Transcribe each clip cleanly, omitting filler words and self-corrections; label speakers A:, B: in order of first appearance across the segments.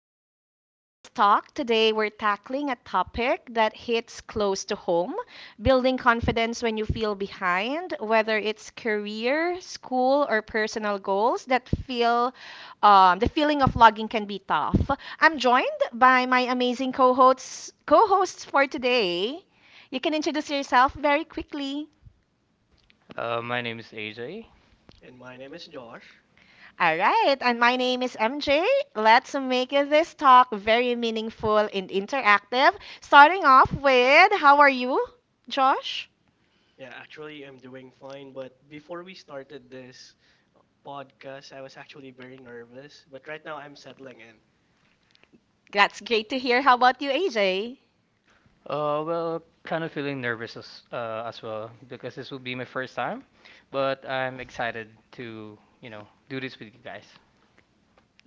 A: Welcome to today's talk. Today we're tackling a topic that hits close to home, building confidence when you feel behind, whether it's career, school, or personal goals that feel the feeling of logging can be tough. I'm joined by my amazing co hosts for today. You can introduce yourself very quickly.
B: My name is AJ.
C: And my name is Josh.
A: All right, and my name is MJ. Let's make this talk very meaningful and interactive. Starting off with, how are you, Josh?
C: Yeah, actually, I'm doing fine. But before we started this podcast, I was actually very nervous. But right now, I'm settling in.
A: That's great to hear. How about you, AJ?
B: Well, kind of feeling nervous as well because this will be my first time, but I'm excited to, you know, do this with you guys.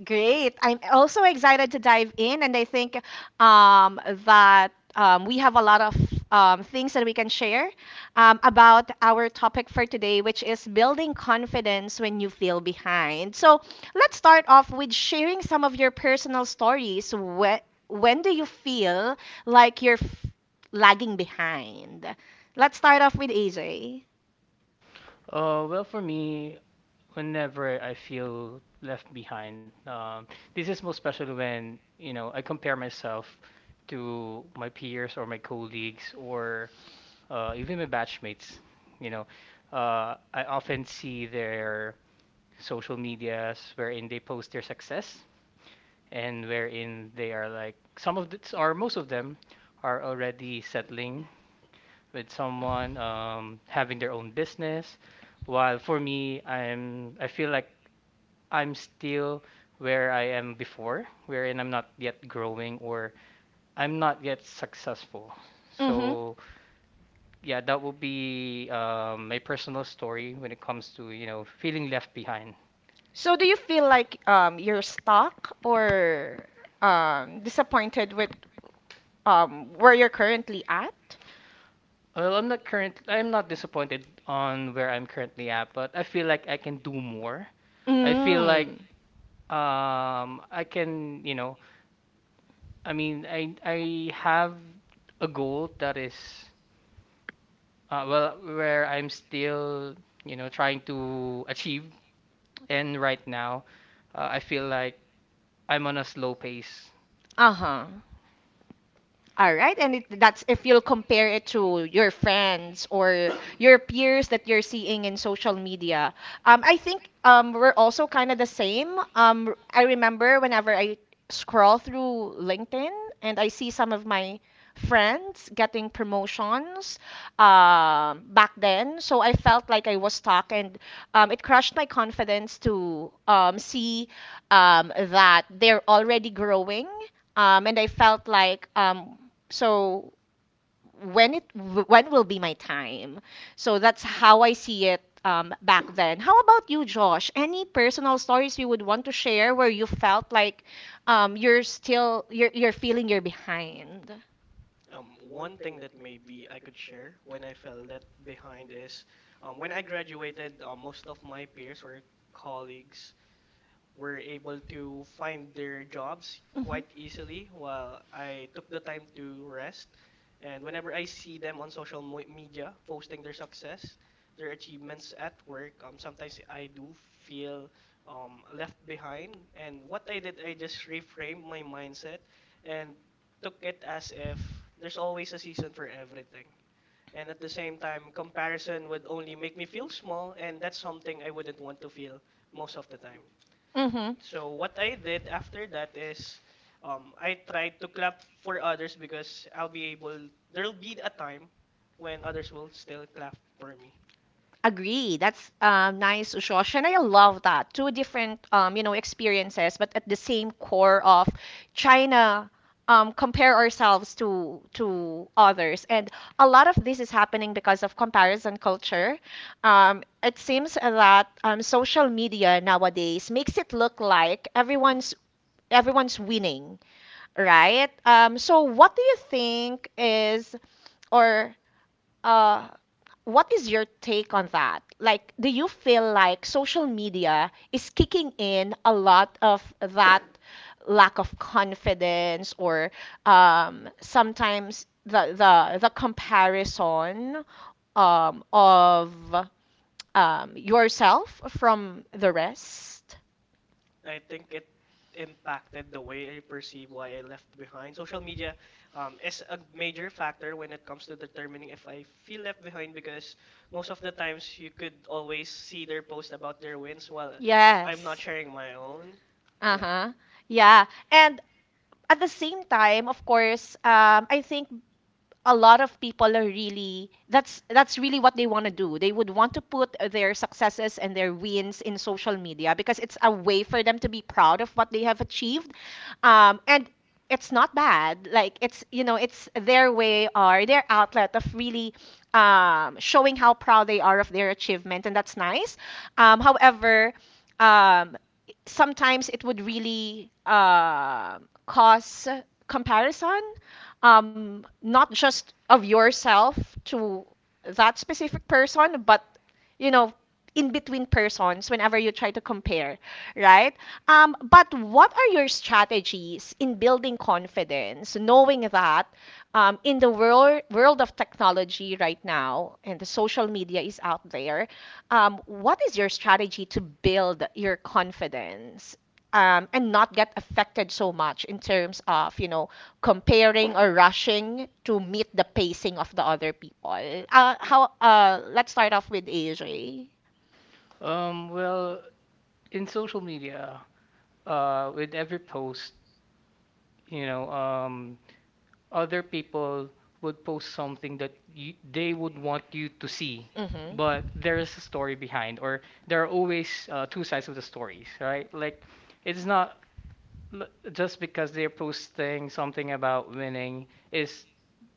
A: Great. I'm also excited to dive in, and I think um, that we have a lot of things that we can share about our topic for today, which is building confidence when you feel behind. So let's start off with sharing some of your personal stories. When do you feel like lagging behind? Let's start off with AJ.
B: Well, for me, whenever I feel left behind, this is most especially when, you know, I compare myself to my peers or my colleagues or even my batchmates. You know, I often see their social medias wherein they post their success, and wherein they are like some of the, or most of them are already settling with someone, having their own business, while for me I feel like I'm still where I am before, wherein I'm not yet growing or I'm not yet successful.
A: Mm-hmm.
B: So yeah, that would be my personal story when it comes to, you know, feeling left behind.
A: So do you feel like you're stuck or disappointed with where you're currently at?
B: Well, I'm not current. I'm not disappointed on where I'm currently at, but I feel like I can do more. I feel like
A: Mm.
B: I can, you know, I mean, I have a goal that is well, where I'm still, you know, trying to achieve. And right now, I feel like I'm on a slow pace.
A: Uh-huh. All right, and that's if you'll compare it to your friends or your peers that you're seeing in social media. I think we're also kind of the same. I remember whenever I scroll through LinkedIn and I see some of my friends getting promotions back then, so I felt like I was stuck, and it crushed my confidence to see that they're already growing and I felt like so when it when will be my time? So that's how I see it back then. How about you, Josh? Any personal stories you would want to share where you felt like you're still you're feeling you're behind?
C: One thing that maybe I could share when I fell left behind is when I graduated, most of my peers or colleagues were able to find their jobs
A: Mhm.
C: quite easily while I took the time to rest. And whenever I see them on social media posting their success, their achievements at work, sometimes I do feel left behind. And what I did, I just reframed my mindset and took it as if there's always a season for everything. And at the same time, comparison would only make me feel small, and that's something I wouldn't want to feel most of the time. So what I did after that is I tried to clap for others because I'll be able there'll be a time when others will still clap for me.
A: Agree. That's nice, Josh, and I love that. Two different, you know, experiences, but at the same core of trying to compare ourselves to others. And a lot of this is happening because of comparison culture. It seems that social media nowadays makes it look like everyone's winning, right? So what do you think is or uh, what is your take on that? Like, do you feel like social media is kicking in a lot of that lack of confidence or sometimes the comparison of yourself from the rest?
C: I think it impacted the way I perceive why I left behind. Social media is a major factor when it comes to determining if I feel left behind because most of the times you could always see their post about their wins while I'm
A: Yes.
C: not sharing my own.
A: Uh
C: Yeah.
A: huh. Yeah. And at the same time, of course, I think a lot of people are really that's really what they want to do. They would want to put their successes and their wins in social media because it's a way for them to be proud of what they have achieved, and it's not bad. Like it's, you know, it's their way or their outlet of really showing how proud they are of their achievement, and that's nice. However, um, sometimes it would really cause comparison, not just of yourself to that specific person, but you know in between persons whenever you try to compare, right? But what are your strategies in building confidence, knowing that in the world of technology right now and the social media is out there, what is your strategy to build your confidence? And not get affected so much in terms of, you know, comparing or rushing to meet the pacing of the other people. How? Let's start off with AJ.
B: Well, in social media, with every post, you know, other people would post something that you, they would want you to see,
A: Mm-hmm.
B: but there is a story behind, or there are always two sides of the stories, right? Like, it's not l- just because they're posting something about winning is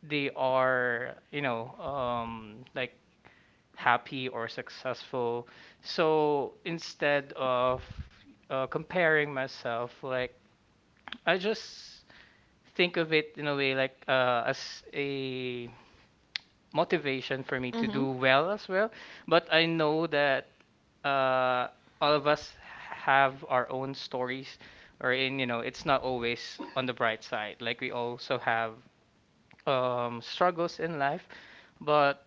B: they are, you know, like happy or successful. So instead of comparing myself, like I just think of it in a way like as a motivation for me to
A: Mm-hmm.
B: do well as well. But I know that uh, all of us have our own stories, or in you know, it's not always on the bright side. Like we also have struggles in life. But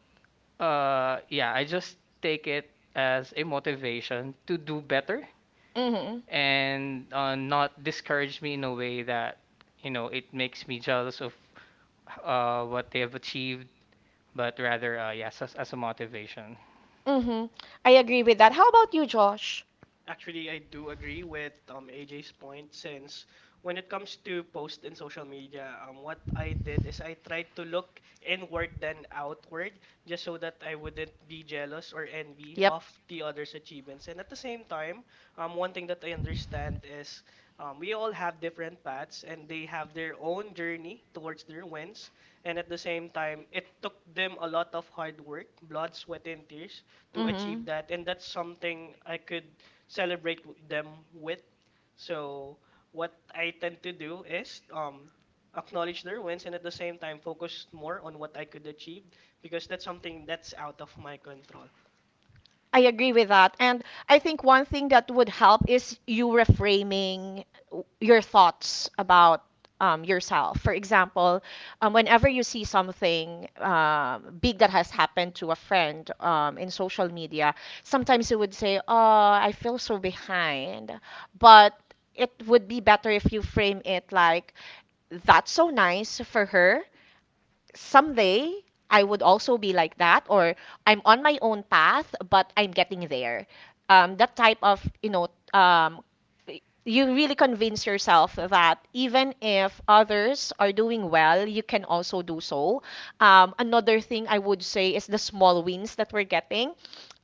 B: yeah, I just take it as a motivation to do better
A: Mm-hmm.
B: and not discourage me in a way that, you know, it makes me jealous of what they have achieved, but rather yes, as a motivation.
A: Mm-hmm. I agree with that. How about you, Josh?
C: Actually, I do agree with AJ's point since when it comes to post in social media, what I did is I tried to look inward than outward just so that I wouldn't be jealous or envy
A: Yep.
C: of the others' achievements. And at the same time, one thing that I understand is we all have different paths and they have their own journey towards their wins. And at the same time, it took them a lot of hard work, blood, sweat, and tears to achieve
A: Mm-hmm.
C: that, and that's something I could celebrate them with. So what I tend to do is acknowledge their wins and at the same time focus more on what I could achieve because that's something that's out of my control.
A: I agree with that. And I think one thing that would help is you reframing your thoughts about yourself. For example, whenever you see something big that has happened to a friend in social media, sometimes you would say, "Oh, I feel so behind." But it would be better if you frame it like, "That's so nice for her. Someday I would also be like that," or, "I'm on my own path, but I'm getting there." That type of, you know, um, you really convince yourself that even if others are doing well, you can also do so. Another thing I would say is the small wins that we're getting.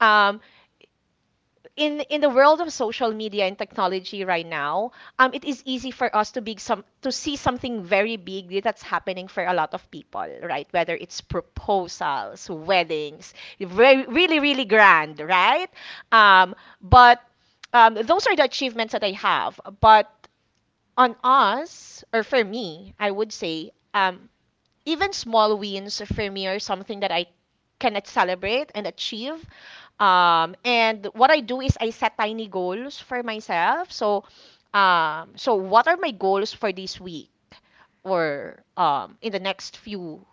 A: Um, in the world of social media and technology right now, it is easy for us to be some to see something very big that's happening for a lot of people, right? Whether it's proposals, weddings, very really grand, right? Um, but those are the achievements that I have. But on us, or for me, I would say, even small wins for me are something that I can celebrate and achieve. And what I do is I set tiny goals for myself. So, what are my goals for this week or in the next few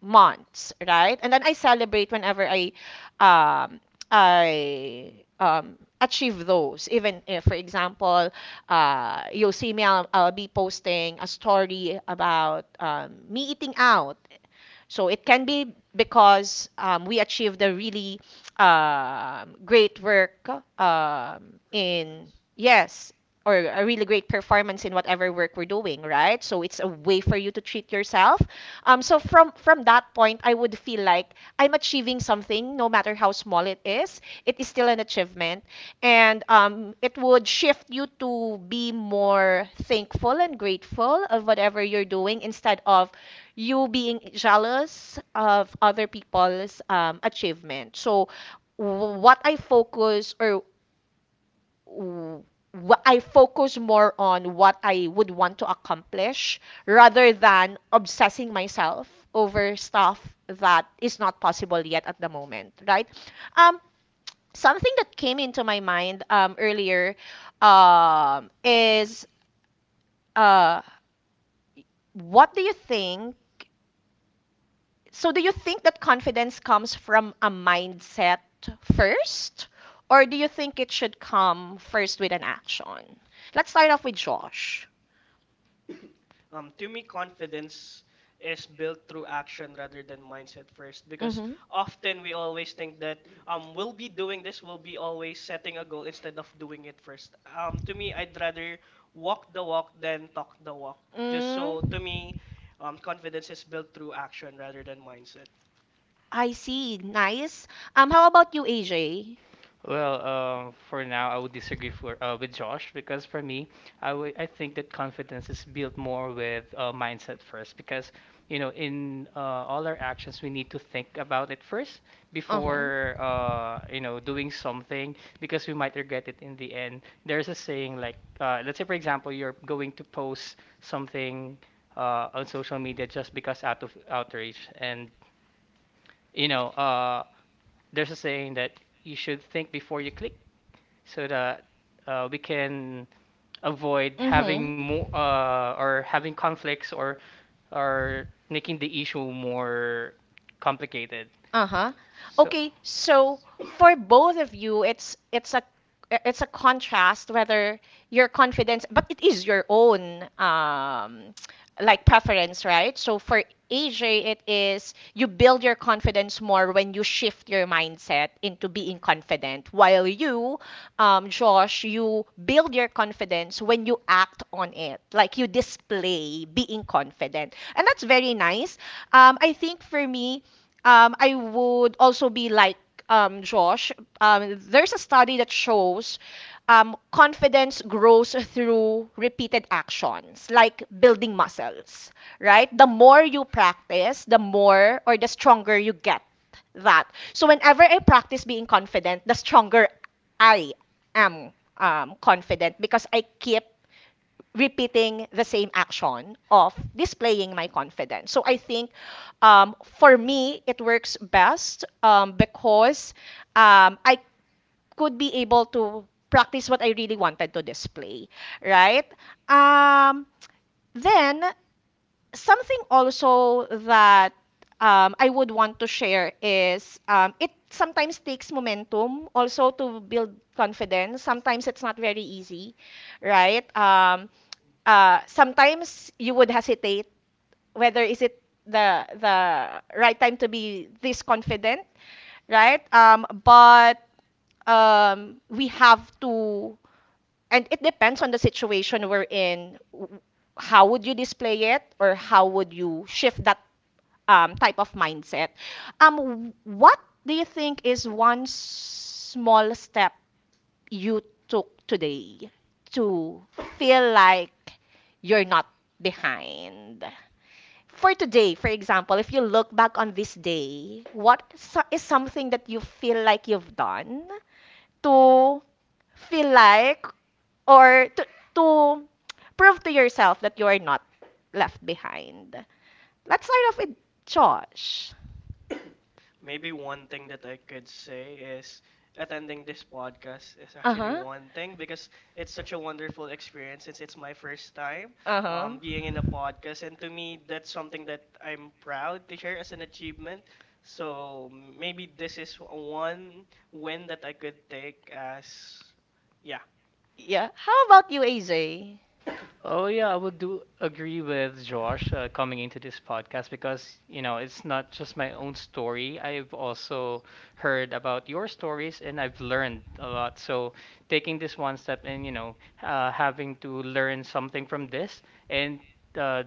A: months, right? And then I celebrate whenever I um I achieve those. Even if, for example, you'll see me I'll be posting a story about me eating out, so it can be because we achieved a really great work um, in, yes, or a really great performance in whatever work we're doing, right? So it's a way for you to treat yourself. So from that point, I would feel like I'm achieving something, no matter how small it is. It is still an achievement, and it would shift you to be more thankful and grateful of whatever you're doing instead of you being jealous of other people's achievement. So, w- what I focus or w- wh- I focus more on what I would want to accomplish rather than obsessing myself over stuff that is not possible yet at the moment, right? Um, Something that came into my mind earlier is uh, what do you think So do you think that confidence comes from a mindset first, or do you think it should come first with an action? Let's start off with Josh.
C: To me, confidence is built through action rather than mindset first, because
A: Hmm.
C: often we always think that we'll be doing this, we'll be always setting a goal instead of doing it first. To me, I'd rather walk the walk than talk the walk. Just so, to me,
A: Mm,
C: confidence is built through action rather than mindset.
A: I see. Nice. How about you, AJ?
B: Well, for now, I would disagree for with Josh because for me, I think that confidence is built more with mindset first, because you know, in all our actions we need to think about it first
A: Uh huh.
B: before you know, doing something, because we might regret it in the end. There's a saying like let's say for example you're going to post something on social media just because out of outrage and you know, there's a saying that you should think before you click, so that we can avoid having more
A: Mm-hmm.
B: or having conflicts, or making the issue more complicated.
A: Uh-huh.
B: So.
A: Okay, so for both of you, it's a contrast whether your confidence, but it is your own like preference, right? So for AJ, it is you build your confidence more when you shift your mindset into being confident, while you, Josh, you build your confidence when you act on it, like you display being confident, and that's very nice. I think for me, I would also be like Josh. There's a study that shows confidence grows through repeated actions, like building muscles, right? The more you practice, the more or the stronger you get that. So whenever I practice being confident, the stronger I am confident because I keep repeating the same action of displaying my confidence. So I think for me, it works best because I could be able to practice what I really wanted to display, right? Um, then, Something also that I would want to share is it sometimes takes momentum also to build confidence. Sometimes it's not very easy, right? Sometimes you would hesitate whether is it the right time to be this confident, right? But we have to, and it depends on the situation we're in. How would you display it, or how would you shift that type of mindset? What do you think is one small step you took today to feel like you're not behind? For today, for example, if you look back on this day, what is something that you feel like you've done to feel like or to prove to yourself that you are not left behind? Let's start off with Josh.
C: Maybe one thing that I could say is attending this podcast is
A: Uh
C: actually
A: huh.
C: one thing, because it's such a wonderful experience since it's my first time
A: Uh
C: being in a
A: huh.
C: podcast. And to me, that's something that I'm proud to share as an achievement. So maybe this is one win that I could take as, yeah.
A: Yeah. How about you, AJ?
B: Oh yeah, I would do agree with Josh, coming into this podcast, because you know it's not just my own story. I've also heard about your stories and I've learned a lot. So taking this one step and, you know, having to learn something from this and uh,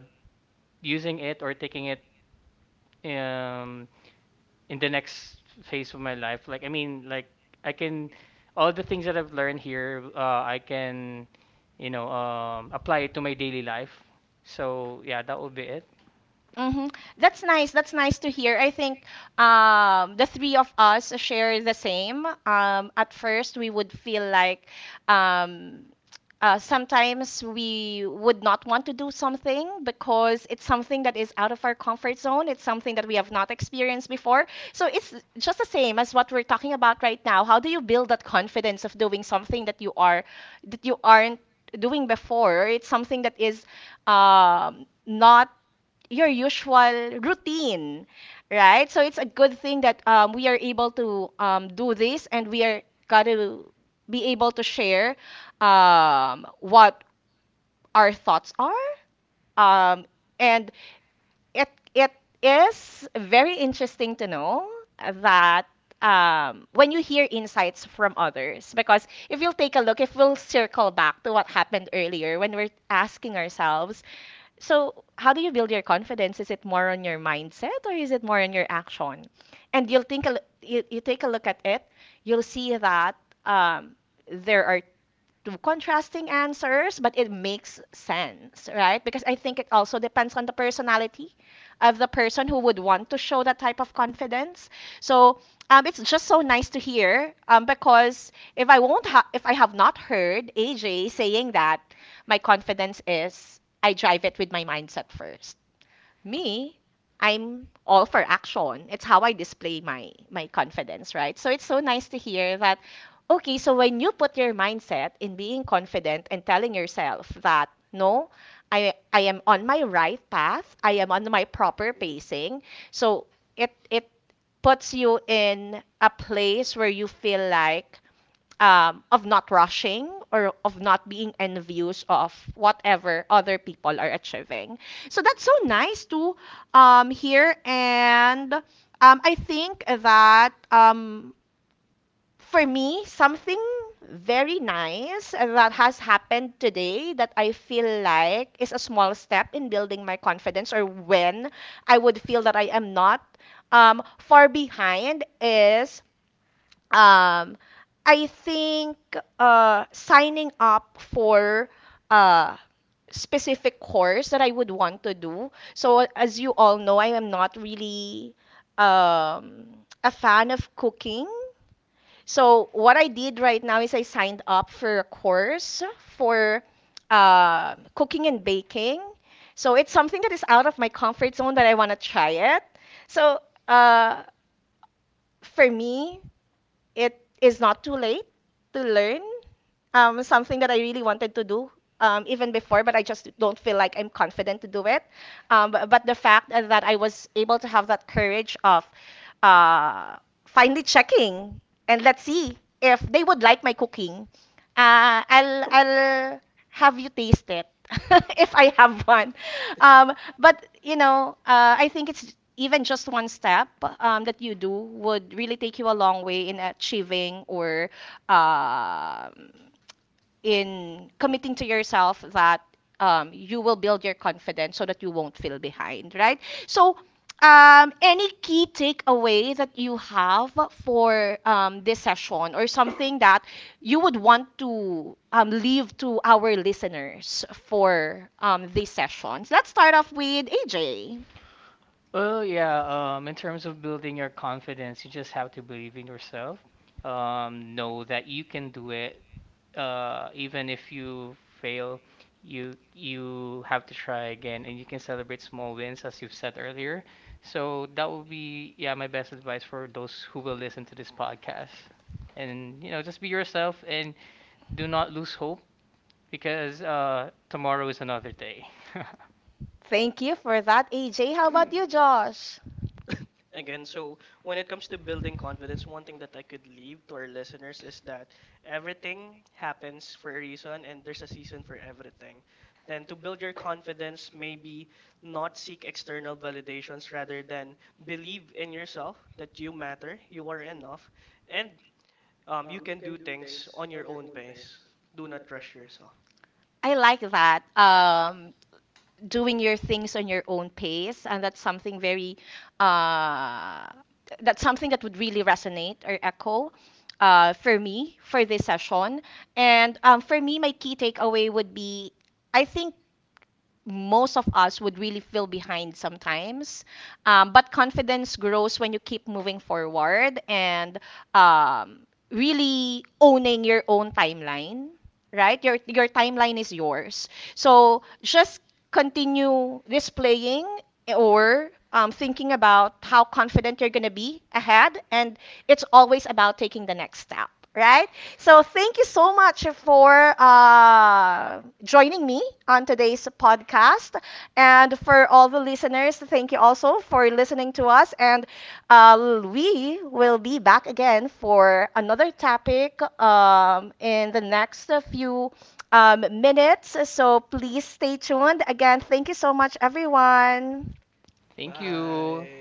B: using it or taking it um in the next phase of my life, like I mean, like I can, all the things that I've learned here, I can, you know, apply it to my daily life. So yeah, that would be it.
A: Mm-hmm. That's nice. That's nice to hear. I think the three of us share the same. At first, we would feel like um, sometimes we would not want to do something because it's something that is out of our comfort zone. It's something that we have not experienced before. So it's just the same as what we're talking about right now. How do you build that confidence of doing something that you aren't doing before? It's something that is not your usual routine, right? So it's a good thing that we are able to do this and we are got to be able to share what our thoughts are. Um, and it it is very interesting to know that when you hear insights from others, because if you'll take a look, if we'll circle back to what happened earlier when we're asking ourselves, so, how do you build your confidence? Is it more on your mindset or is it more on your action? And you'll think you take a look at it, you'll see that um, there are two contrasting answers, but it makes sense, right? Because I think it also depends on the personality of the person who would want to show that type of confidence. So it's just so nice to hear because if I have not heard AJ saying that my confidence is I drive it with my mindset first. Me, I'm all for action. It's how I display my confidence, right? So it's so nice to hear that. Okay, so when you put your mindset in being confident and telling yourself that no, I am on my right path, I am on my proper pacing. So it puts you in a place where you feel like, of not rushing or of not being envious of whatever other people are achieving. So that's so nice to hear. And I think that for me, something very nice that has happened today that I feel like is a small step in building my confidence or when I would feel that I am not far behind is, um, I think signing up for uh, specific course that I would want to do. So as you all know, I am not really um, a fan of cooking. So what I did right now is I signed up for a course for cooking and baking. So it's something that is out of my comfort zone that I want to try it. So uh, for me, it is not too late to learn something that I really wanted to do even before, but I just don't feel like I'm confident to do it. But the fact that I was able to have that courage of uh, finally checking and let's see if they would like my cooking. I'll have you tasted if I have one? Um, but you know, I think it's even just one step that you do would really take you a long way in achieving or um in committing to yourself that you will build your confidence so that you won't feel behind, right? So, any key takeaway that you have for this session or something that you would want to leave to our listeners for these sessions? Let's start off with AJ.
B: Well yeah, in terms of building your confidence, you just have to believe in yourself, know that you can do it, even if you fail, you have to try again, and you can celebrate small wins, as you've said earlier. So that would be, yeah, my best advice for those who will listen to this podcast, and you know, just be yourself and do not lose hope, because tomorrow is another day.
A: Thank you for that, AJ. How about you, Josh?
C: Again, so when it comes to building confidence, one thing that I could leave to our listeners is that everything happens for a reason, and there's a season for everything. Then to build your confidence, maybe not seek external validations, rather than believe in yourself, that you matter, you are enough. And you can do things on your own pace. Do not rush yourself.
A: I like that. Doing your things on your own pace, and that's something very, uh, that's something that would really resonate or echo for me for this session. And for me, my key takeaway would be, I think most of us would really feel behind sometimes. But confidence grows when you keep moving forward and um, really owning your own timeline, right? Your timeline is yours. So just continue displaying or thinking about how confident you're going to be ahead, and it's always about taking the next step, right? So thank you so much for joining me on today's podcast. And for all the listeners, thank you also for listening to us. And uh, we will be back again for another topic in the next few minutes. So please stay tuned. Again, thank you so much, everyone.
B: Thank you.
C: Bye.